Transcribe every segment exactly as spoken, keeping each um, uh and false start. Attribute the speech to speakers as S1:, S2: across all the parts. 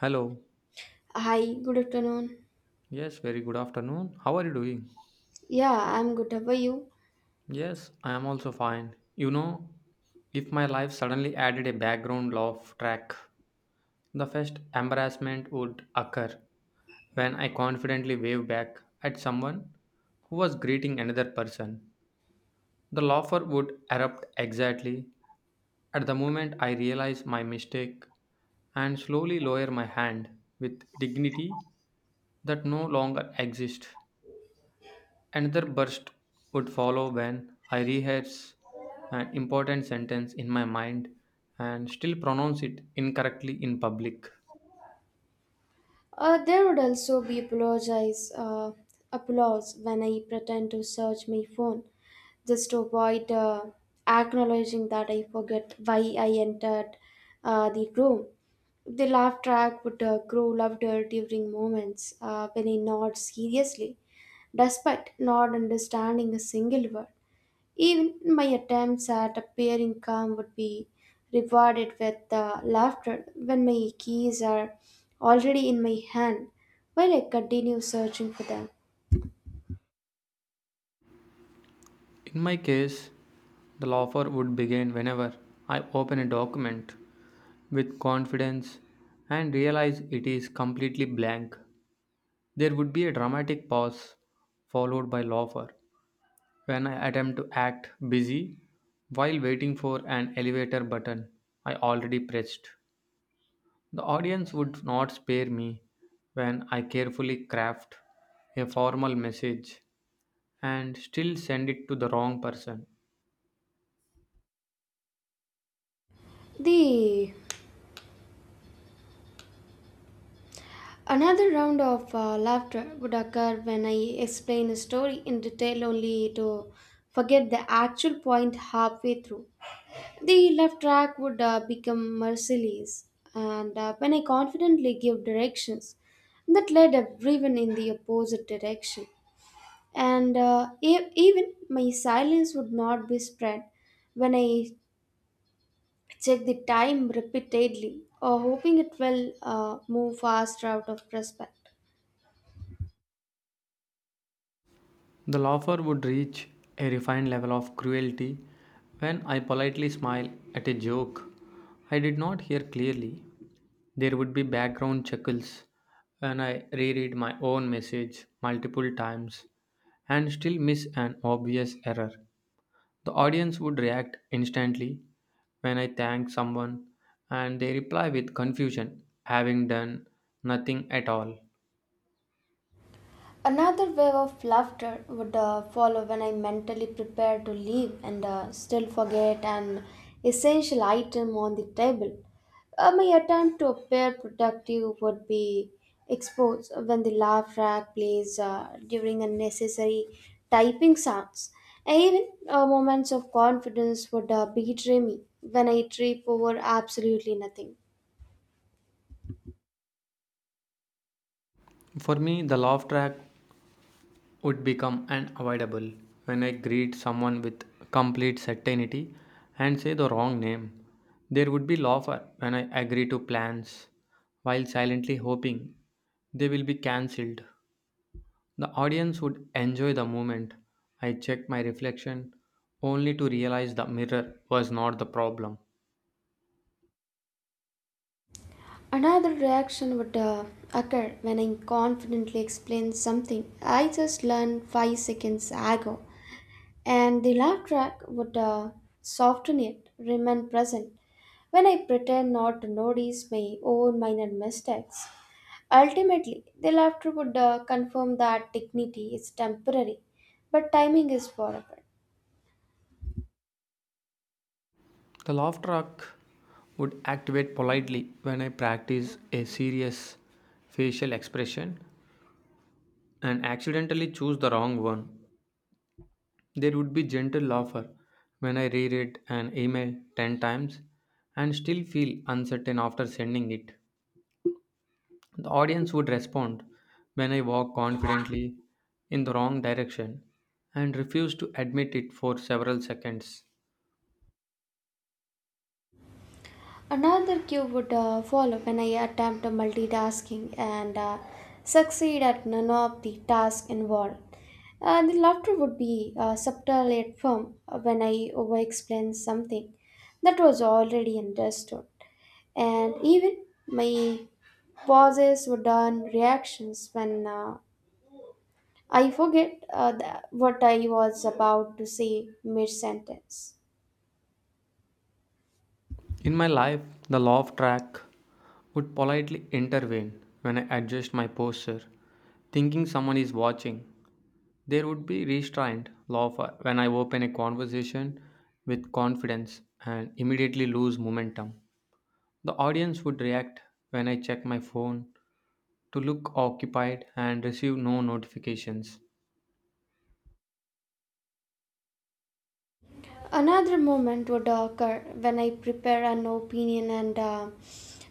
S1: Hello.
S2: Hi, good afternoon.
S1: Yes, very good afternoon. How are you doing?
S2: Yeah, I'm good. How are you?
S1: Yes, I am also fine. You know, if my life suddenly added a background laugh track, the first embarrassment would occur when I confidently wave back at someone who was greeting another person. The laugher would erupt exactly at the moment I realize my mistake and slowly lower my hand with dignity that no longer exists. Another burst would follow when I rehearse an important sentence in my mind and still pronounce it incorrectly in public.
S2: Uh, there would also be apologize, uh, applause when I pretend to search my phone just to avoid uh, acknowledging that I forget why I entered uh, the room. The laugh track would uh, grow louder during moments uh, when I nod seriously, despite not understanding a single word. Even my attempts at appearing calm would be rewarded with uh, laughter when my keys are already in my hand while I continue searching for them.
S1: In my case, the laughter would begin whenever I open a document with confidence and realize it is completely blank. There would be a dramatic pause followed by laughter when I attempt to act busy while waiting for an elevator button I already pressed. The audience would not spare me when I carefully craft a formal message and still send it to the wrong person.
S2: The Another round of uh, laughter would occur when I explain a story in detail only to forget the actual point halfway through. The left track would uh, become merciless, and uh, when I confidently give directions, that led everyone in the opposite direction. And uh, e- even my silence would not be spread when I check the time repeatedly or hoping it will uh, move faster out of respect.
S1: The laugher would reach a refined level of cruelty when I politely smile at a joke I did not hear clearly. There would be background chuckles when I reread my own message multiple times and still miss an obvious error. The audience would react instantly when I thank someone and they reply with confusion, having done nothing at all.
S2: Another wave of laughter would uh, follow when I mentally prepare to leave and uh, still forget an essential item on the table. Uh, my attempt to appear productive would be exposed when the laugh track plays uh, during unnecessary typing sounds. And even uh, moments of confidence would uh, betray me when I trip over absolutely nothing.
S1: For me, the laugh track would become unavoidable when I greet someone with complete certainty and say the wrong name. There would be laughter when I agree to plans while silently hoping they will be cancelled. The audience would enjoy the moment. I checked my reflection only to realize the mirror was not the problem.
S2: Another reaction would uh, occur when I confidently explain something I just learned five seconds ago, and the laugh track would uh, soften it, remain present when I pretend not to notice my own minor mistakes. Ultimately, the laughter would uh, confirm that dignity is temporary, but timing is forever.
S1: The laugh track would activate politely when I practice a serious facial expression and accidentally choose the wrong one. There would be gentle laughter when I reread an email ten times and still feel uncertain after sending it. The audience would respond when I walk confidently in the wrong direction and refuse to admit it for several seconds.
S2: Another cue would uh, follow when I attempt multitasking and uh, succeed at none of the tasks involved. Uh, the laughter would be uh, subtle yet firm uh, when I over explain something that was already understood. And even my pauses would earn reactions when uh, I forget uh, the, what I was about to say mid sentence.
S1: In my life, the law of track would politely intervene when I adjust my posture, thinking someone is watching. There would be restraint law when I open a conversation with confidence and immediately lose momentum. The audience would react when I check my phone to look occupied and receive no notifications.
S2: Another moment would occur when I prepare an opinion and uh,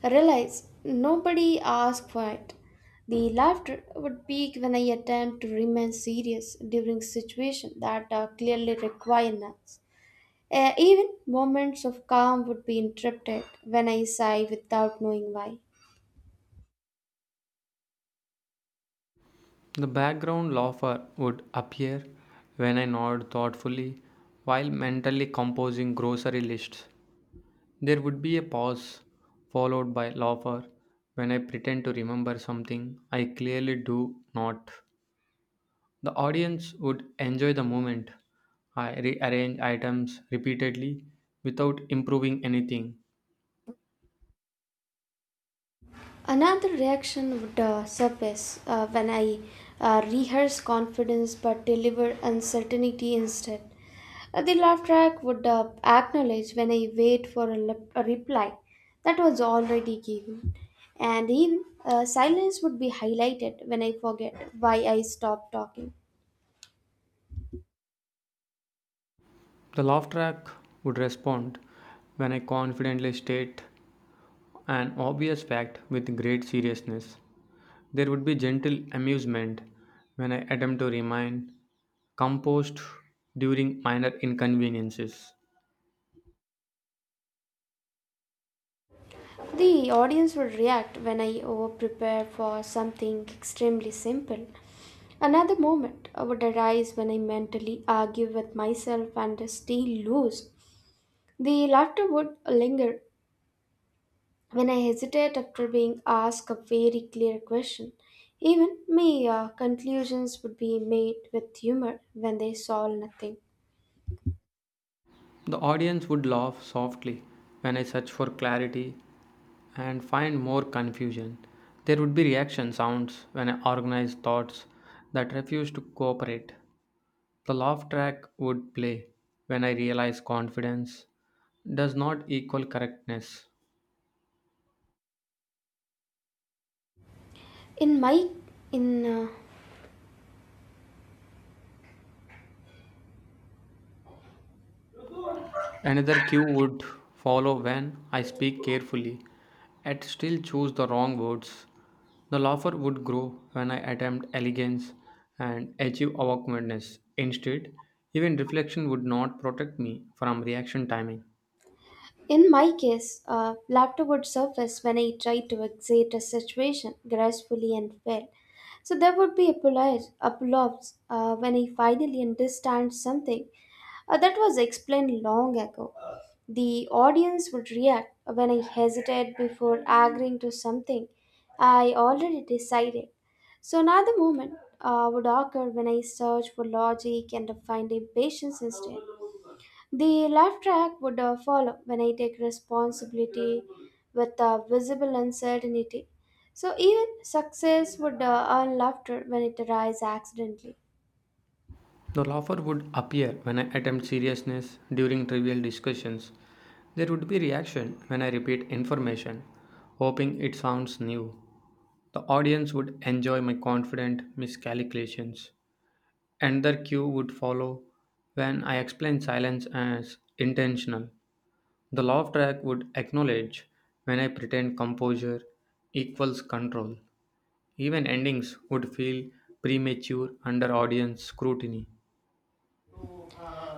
S2: realize nobody asked for it. The laughter would peak when I attempt to remain serious during situations that uh, clearly require nuts. Uh, even moments of calm would be interrupted when I sigh without knowing why.
S1: The background laugher would appear when I nod thoughtfully while mentally composing grocery lists. There would be a pause followed by laugher when I pretend to remember something I clearly do not. The audience would enjoy the moment. I rearrange items repeatedly without improving anything.
S2: Another reaction would uh, surface uh, when I uh, rehearse confidence but deliver uncertainty instead. Uh, the laugh track would uh, acknowledge when I wait for a, lep- a reply that was already given, and even uh, silence would be highlighted when I forget why I stopped talking.
S1: The laugh track would respond when I confidently state an obvious fact with great seriousness. There would be gentle amusement when I attempt to remain composed during minor inconveniences.
S2: The audience would react when I over prepare for something extremely simple. Another moment would arise when I mentally argue with myself and still lose. The laughter would linger when I hesitate after being asked a very clear question. Even my uh, conclusions would be made with humor when they solve nothing.
S1: The audience would laugh softly when I search for clarity and find more confusion. There would be reaction sounds when I organize thoughts that refuse to cooperate. The laugh track would play when I realize confidence does not equal correctness.
S2: In my in uh,
S1: Another cue would follow when I speak carefully and still choose the wrong words. The laughter would grow when I attempt elegance and achieve awkwardness. Instead, even reflection would not protect me from reaction timing.
S2: In my case, a laptop would surface when I tried to exit a situation gracefully and well. So there would be applause, applause uh, when I finally understand something uh, that was explained long ago. The audience would react when I hesitated before agreeing to something I already decided. So another moment uh, would occur when I search for logic and find impatience instead. The laugh track would uh, follow when I take responsibility with uh, visible uncertainty. So even success would uh, earn laughter when it arises accidentally.
S1: The laughter would appear when I attempt seriousness during trivial discussions. There would be reaction when I repeat information, hoping it sounds new. The audience would enjoy my confident miscalculations. Another cue would follow when I explain silence as intentional. The laugh track would acknowledge when I pretend composure equals control. Even endings would feel premature under audience scrutiny.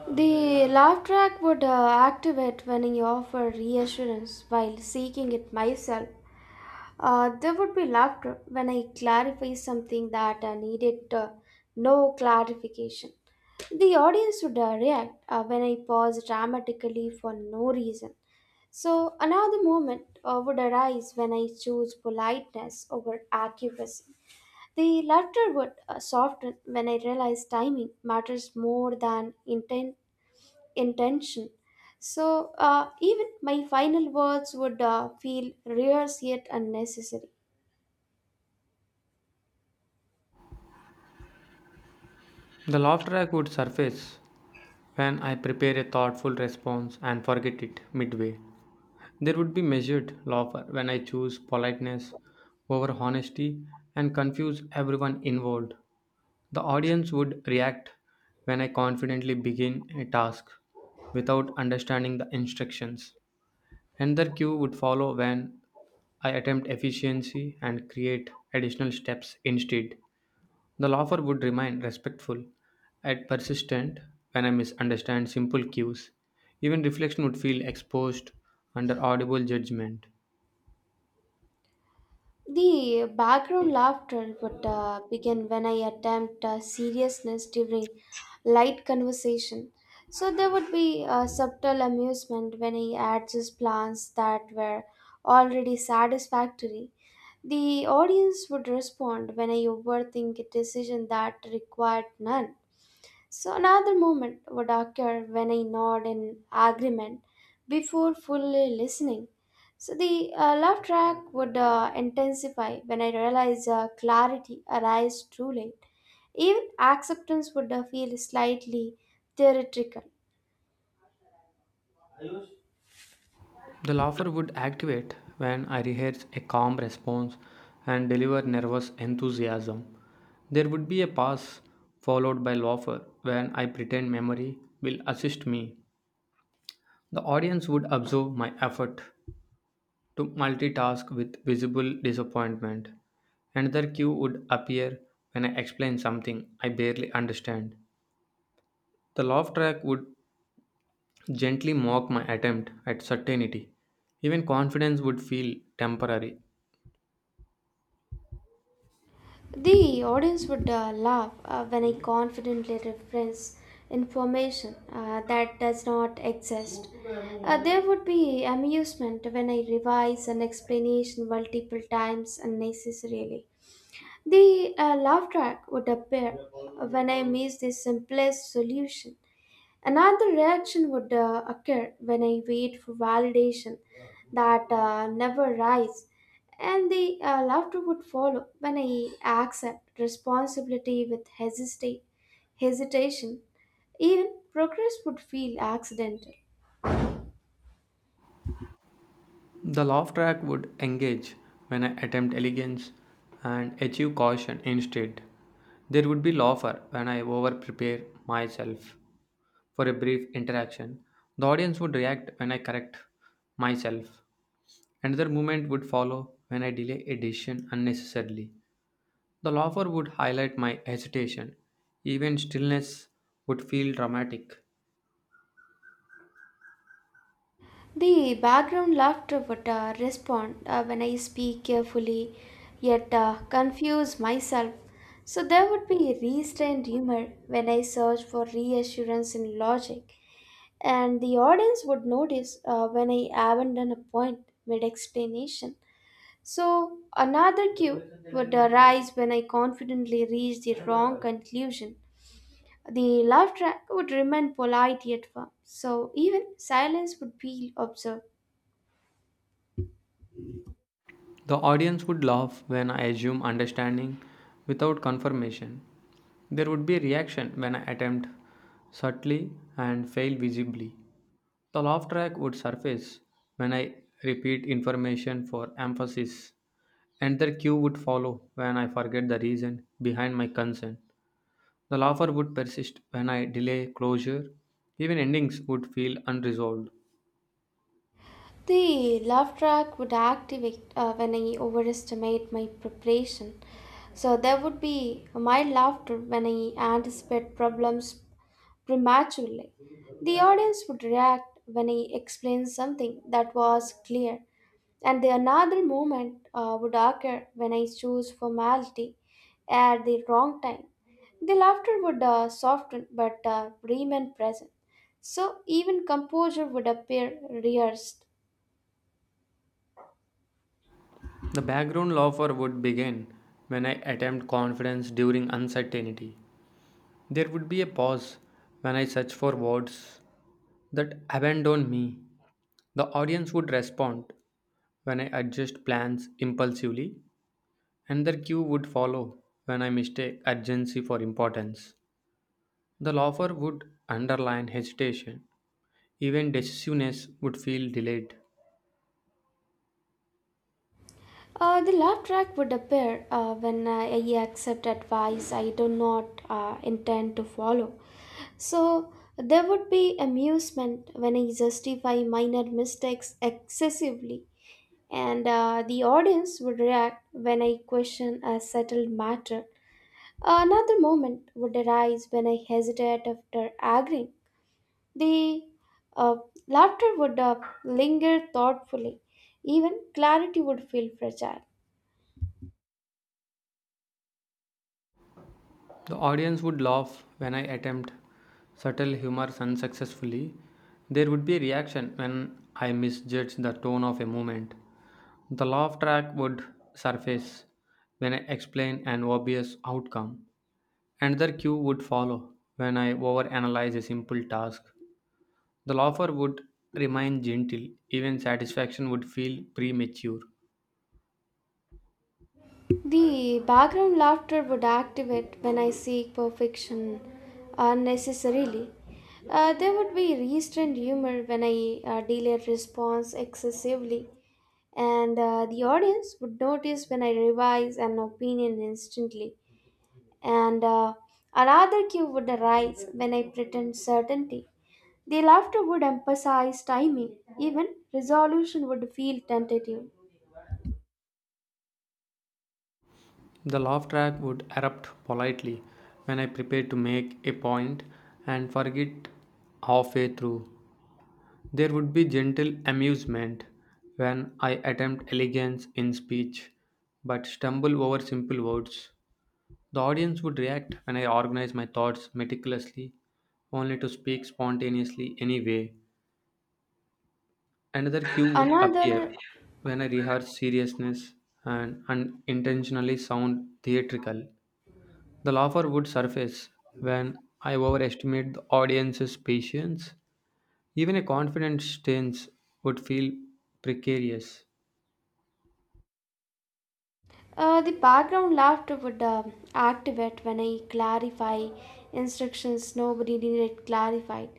S2: The laugh track would uh, activate when I offer reassurance while seeking it myself. Uh, there would be laughter when I clarify something that uh, needed uh, no clarification. The audience would uh, react uh, when I pause dramatically for no reason. So, another moment uh, would arise when I choose politeness over accuracy. The latter would uh, soften when I realize timing matters more than inten- intention. So, uh, even my final words would uh, feel rehearsed yet unnecessary.
S1: The laugh track would surface when I prepare a thoughtful response and forget it midway. There would be measured laughter when I choose politeness over honesty and confuse everyone involved. The audience would react when I confidently begin a task without understanding the instructions. Another cue would follow when I attempt efficiency and create additional steps instead. The offer would remain respectful and persistent when I misunderstand simple cues. Even reflection would feel exposed under audible judgment.
S2: The background laughter would uh, begin when I attempt uh, seriousness during light conversation. So there would be a subtle amusement when he adds his plans that were already satisfactory. The audience would respond when I overthink a decision that required none. So another moment would occur when I nod in agreement before fully listening. So the uh, laugh track would uh, intensify when I realize uh, clarity arrives truly. Even acceptance would uh, feel slightly theatrical.
S1: The offer would activate when I rehearse a calm response and deliver nervous enthusiasm. There would be a pause followed by laughter when I pretend memory will assist me. The audience would observe my effort to multitask with visible disappointment. Another cue would appear when I explain something I barely understand. The laugh track would gently mock my attempt at certainty. Even confidence would feel temporary.
S2: The audience would uh, laugh uh, when I confidently reference information uh, that does not exist. Uh, there would be amusement when I revise an explanation multiple times unnecessarily. The uh, laugh track would appear when I miss the simplest solution. Another reaction would uh, occur when I wait for validation that uh, never arrives, and the uh, laughter would follow when I accept responsibility with hesitate, hesitation. Even progress would feel accidental.
S1: The laugh track would engage when I attempt elegance and achieve caution instead. There would be laughter when I over prepare myself for a brief interaction. The audience would react when I correct myself. Another moment would follow when I delay a decision unnecessarily. The laugher would highlight my hesitation. Even stillness would feel dramatic.
S2: The background laughter would uh, respond uh, when I speak carefully, yet uh, confuse myself. So there would be restrained humor when I search for reassurance in logic, and the audience would notice uh, when I abandon a point mid explanation. So another cue would arise when I confidently reach the wrong conclusion. The laugh track would remain polite yet firm, so even silence would be observed.
S1: The audience would laugh when I assume understanding without confirmation. There would be a reaction when I attempt subtly and fail visibly. The laugh track would surface when I repeat information for emphasis, and the cue would follow when I forget the reason behind my concern. The laughter would persist when I delay closure. Even endings would feel unresolved.
S2: The laugh track would activate uh, when I overestimate my preparation. So there would be mild laughter when I anticipate problems prematurely. The audience would react when I explain something that was clear, and the another moment uh, would occur when I choose formality at the wrong time. The laughter would uh, soften but uh, remain present. So even composure would appear rehearsed.
S1: The background laughter would begin when I attempt confidence during uncertainty. There would be a pause when I search for words that abandon me. The audience would respond when I adjust plans impulsively, and their cue would follow when I mistake urgency for importance. The laughter would underline hesitation. Even decisiveness would feel delayed.
S2: Uh, the laugh track would appear uh, when I accept advice I do not uh, intend to follow. So there would be amusement when I justify minor mistakes excessively, and uh, the audience would react when I question a settled matter. Another moment would arise when I hesitate after agreeing. The uh, laughter would uh, linger thoughtfully, even clarity would feel fragile.
S1: The audience would laugh when I attempt subtle humor unsuccessfully. There would be a reaction when I misjudge the tone of a moment. The laugh track would surface when I explain an obvious outcome. Another cue would follow when I overanalyze a simple task. The laugher would remain gentle, even satisfaction would feel premature.
S2: The background laughter would activate when I seek perfection unnecessarily. Uh, there would be restrained humor when I uh, delay response excessively, and uh, the audience would notice when I revise an opinion instantly. And uh, another cue would arise when I pretend certainty. The laughter would emphasize timing, even resolution would feel tentative.
S1: The laugh track would erupt politely when I prepared to make a point and forget halfway through. There would be gentle amusement when I attempt elegance in speech but stumble over simple words. The audience would react when I organize my thoughts meticulously, only to speak spontaneously anyway. Another cue would appear
S2: Another
S1: when I rehearse seriousness and unintentionally sound theatrical. The laughter would surface when I overestimate the audience's patience. Even a confident stance would feel precarious.
S2: Uh, the background laughter would uh, activate when I clarify instructions nobody needed clarified.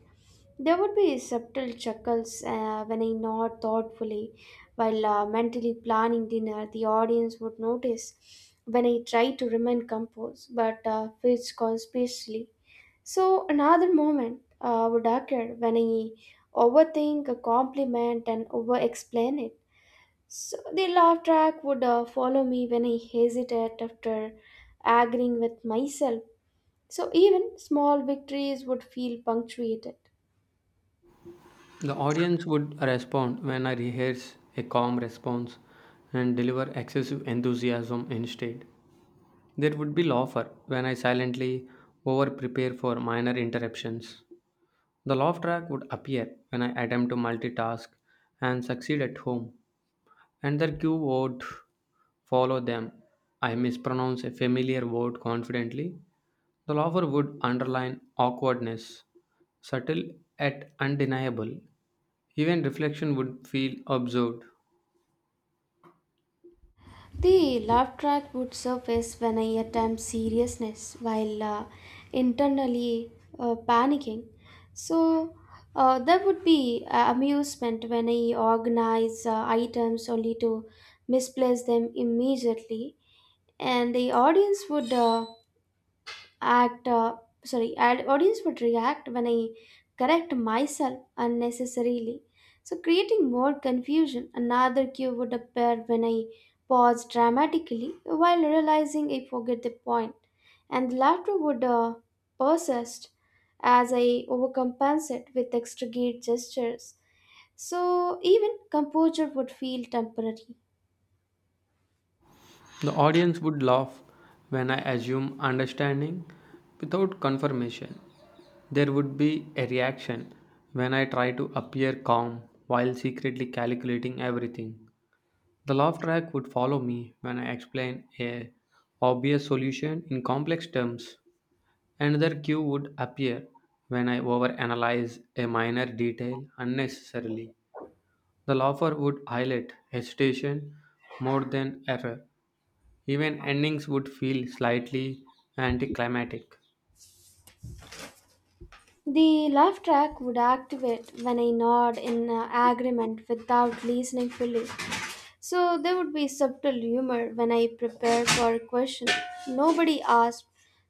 S2: There would be subtle chuckles uh, when I nod thoughtfully while uh, mentally planning dinner. The audience would notice when I try to remain composed but uh, fidget conspicuously. So another moment uh, would occur when I overthink a compliment and over explain it. So the laugh track would uh, follow me when I hesitate after agreeing with myself. So even small victories would feel punctuated.
S1: The audience would respond when I rehearse a calm response and deliver excessive enthusiasm instead. There would be laughter when I silently over prepare for minor interruptions. The laugh track would appear when I attempt to multitask and succeed at home. And another cue word follow them. I mispronounce a familiar word confidently. The lover would underline awkwardness, subtle yet undeniable. Even reflection would feel absurd.
S2: The laugh track would surface when I attempt seriousness while uh, internally uh, panicking. So uh, there would be uh, amusement when I organize uh, items only to misplace them immediately, and the audience would. Uh, act uh, sorry ad- audience would react when I correct myself unnecessarily, so creating more confusion. Another cue would appear when I pause dramatically while realizing I forget the point, and laughter would uh, persist as I overcompensate with extravagant gestures, so even composure would feel temporary.
S1: The audience would laugh when I assume understanding without confirmation. There would be a reaction when I try to appear calm while secretly calculating everything. The laugh track would follow me when I explain a obvious solution in complex terms. Another cue would appear when I overanalyze a minor detail unnecessarily. The laugher would highlight hesitation more than error. Even endings would feel slightly anticlimactic.
S2: The laugh track would activate when I nod in uh, agreement without listening fully. So there would be subtle humor when I prepare for a question. Nobody asked.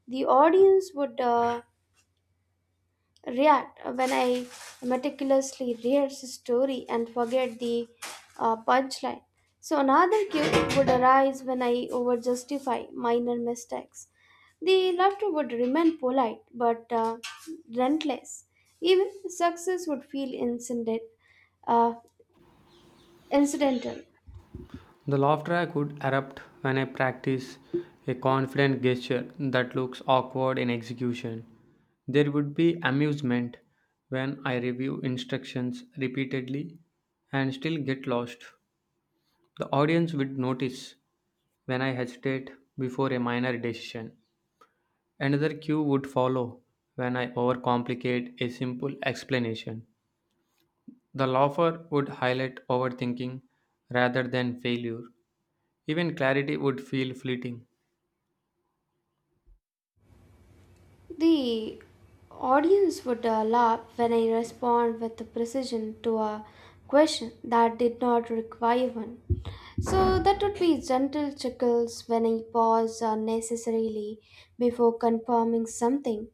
S2: The audience would uh, react when I meticulously rehearse a story and forget the uh, punchline. So another guilt would arise when I over justify minor mistakes. The laughter would remain polite but uh, relentless. Even success would feel incident, uh, incidental.
S1: The laughter I could erupt when I practice a confident gesture that looks awkward in execution. There would be amusement when I review instructions repeatedly and still get lost. The audience would notice when I hesitate before a minor decision. Another cue would follow when I overcomplicate a simple explanation. The laugher would highlight overthinking rather than failure. Even clarity would feel fleeting.
S2: The audience would uh, laugh when I respond with precision to a question that did not require one. So that would be gentle chuckles when I pause unnecessarily before confirming something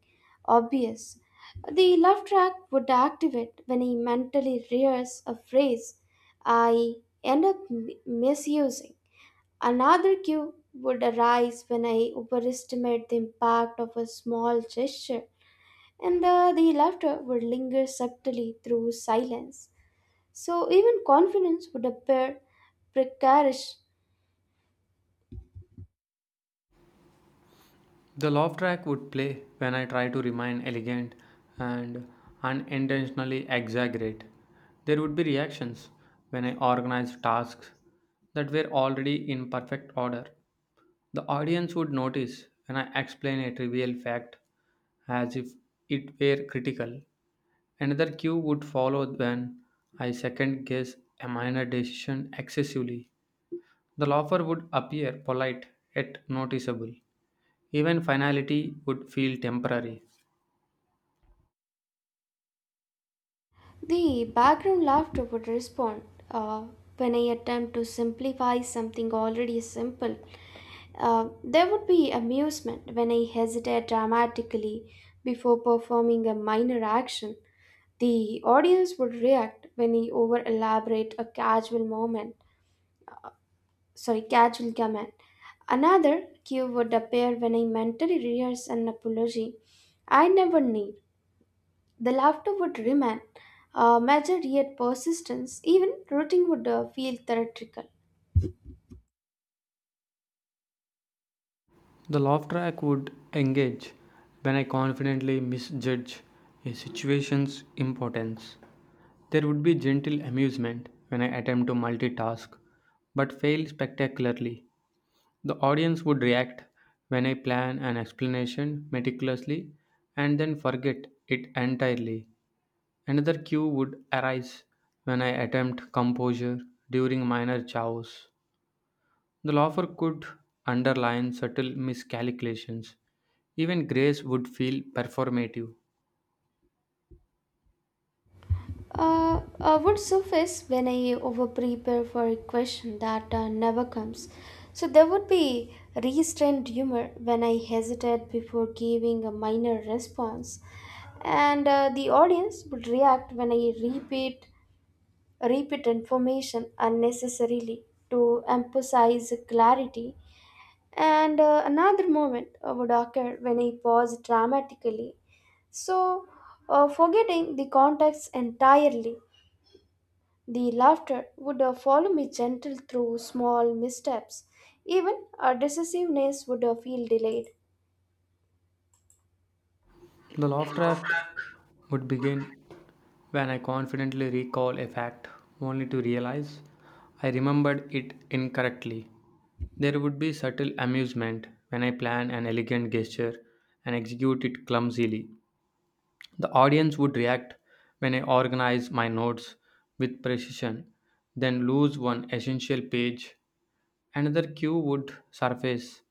S2: obvious. The laugh track would activate when I mentally rehearse a phrase I end up m- misusing. Another cue would arise when I overestimate the impact of a small gesture, and uh, the laughter would linger subtly through silence. So even confidence would appear precarious.
S1: The laugh track would play when I try to remain elegant and unintentionally exaggerate. There would be reactions when I organize tasks that were already in perfect order. The audience would notice when I explain a trivial fact as if it were critical. Another cue would follow when I second guess a minor decision excessively. The laugher would appear polite yet noticeable, even finality would feel temporary.
S2: The background laughter would respond uh, when I attempt to simplify something already simple. Uh, there would be amusement when I hesitate dramatically before performing a minor action. The audience would react when he over elaborate a casual moment, sorry, casual comment. Another cue would appear when I mentally rehearse an apology I never need. The laughter would remain, uh, measured yet persistence. Even rooting would uh, feel theatrical.
S1: The laugh track would engage when I confidently misjudge a situation's importance. There would be gentle amusement when I attempt to multitask but fail spectacularly. The audience would react when I plan an explanation meticulously and then forget it entirely. Another cue would arise when I attempt composure during minor chaos. The offer could underline subtle miscalculations. Even grace would feel performative.
S2: Uh, uh, would surface when I over prepare for a question that uh, never comes. So there would be restrained humor when I hesitate before giving a minor response, and uh, the audience would react when I repeat repeat information unnecessarily to emphasize clarity. And uh, another moment uh, would occur when I pause dramatically, so uh, forgetting the context entirely. The laughter would uh, follow me gentle through small missteps. Even our decisiveness would uh, feel delayed.
S1: The laugh track would begin when I confidently recall a fact, only to realize I remembered it incorrectly. There would be subtle amusement when I plan an elegant gesture and execute it clumsily. The audience would react when I organize my notes with precision, then lose one essential page. Another cue would surface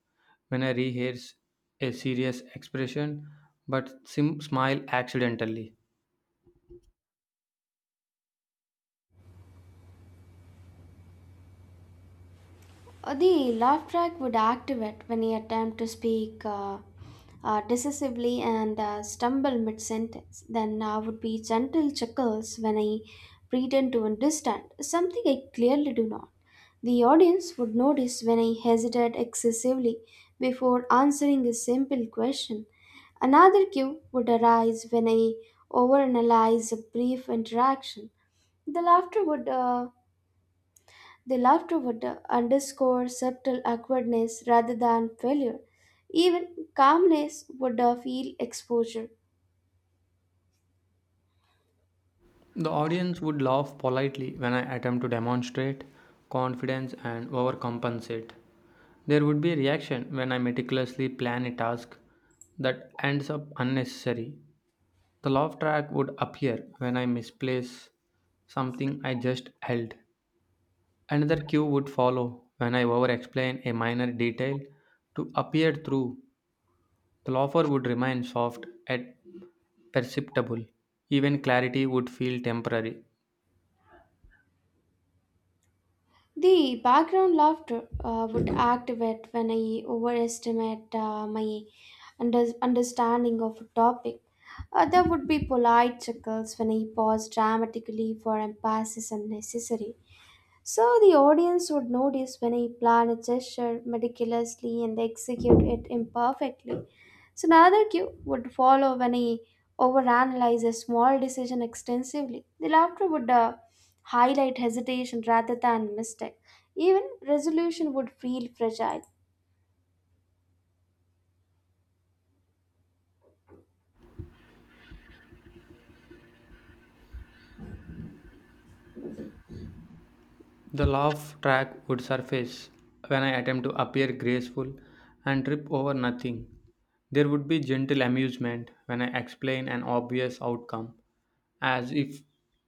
S1: when I rehearse a serious expression but sim- smile accidentally.
S2: Uh, the laugh track would activate when you attempt to speak uh, uh, decisively and uh, stumble mid sentence. Then I would be gentle chuckles when I pretend to understand something I clearly do not. The audience would notice when I hesitate excessively before answering a simple question. Another cue would arise when I overanalyze a brief interaction. The laughter would uh, they love to wonder, underscore subtle awkwardness rather than failure. Even calmness would uh, feel exposure.
S1: The audience would laugh politely when I attempt to demonstrate confidence and overcompensate. There would be a reaction when I meticulously plan a task that ends up unnecessary. The laugh track would appear when I misplace something I just held. Another cue would follow when I over explain a minor detail to appear through. The laugher would remain soft yet perceptible. Even clarity would feel temporary.
S2: The background laughter uh, would activate when I overestimate uh, my under- understanding of a topic. Uh, there would be polite chuckles when I pause dramatically for emphasis unnecessary. So the audience would notice when I plan a gesture meticulously and execute it imperfectly. So another cue would follow when he overanalyzes small decision extensively. The laughter would uh, highlight hesitation rather than mistake. Even resolution would feel fragile.
S1: The laugh track would surface when I attempt to appear graceful and trip over nothing. There would be gentle amusement when I explain an obvious outcome as if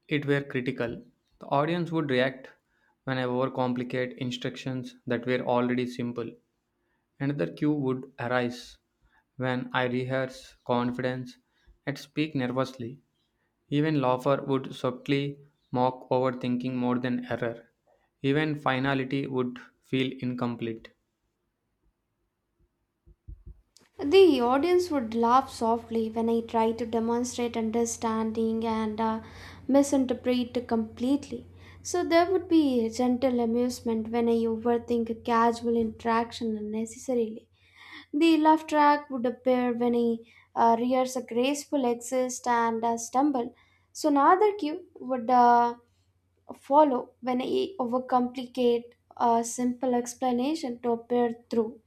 S1: it were critical. The audience would react when I overcomplicate instructions that were already simple. Another cue would arise when I rehearse confidence and speak nervously. Even Laufer would subtly mock overthinking more than error. Even finality would feel incomplete.
S2: The audience would laugh softly when I try to demonstrate understanding and uh, misinterpret completely. So there would be gentle amusement when I overthink a casual interaction unnecessarily. The laugh track would appear when he uh, rears a graceful exit and a stumble. So another cue would uh, follow when he overcomplicate a simple explanation to appear through.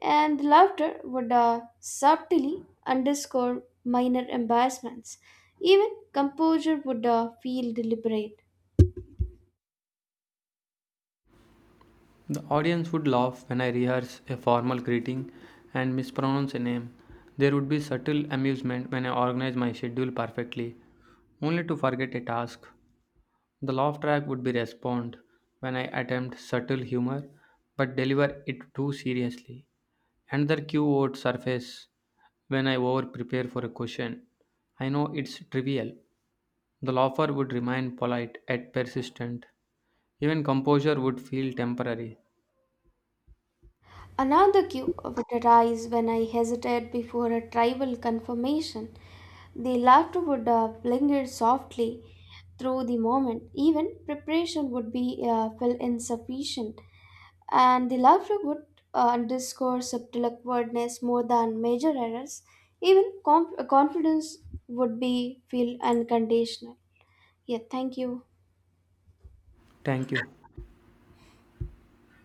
S2: And the laughter would uh, subtly underscore minor embarrassments. Even composure would uh, feel deliberate.
S1: The audience would laugh when I rehearse a formal greeting and mispronounce a name. There would be subtle amusement when I organize my schedule perfectly, only to forget a task. The laugh track would be respond when I attempt subtle humor but deliver it too seriously. Another cue would surface when I over prepare for a question. I know it's trivial. The laugher would remain polite yet persistent. Even composure would feel temporary.
S2: Another cue would arise when I hesitated before a tribal confirmation. The laughter would uh, linger softly through the moment. Even preparation would be uh, felt insufficient, and the laughter would uh, underscore subtle awkwardness more than major errors. Even conf- confidence would be feel unconditional. Yeah, thank you.
S1: Thank you.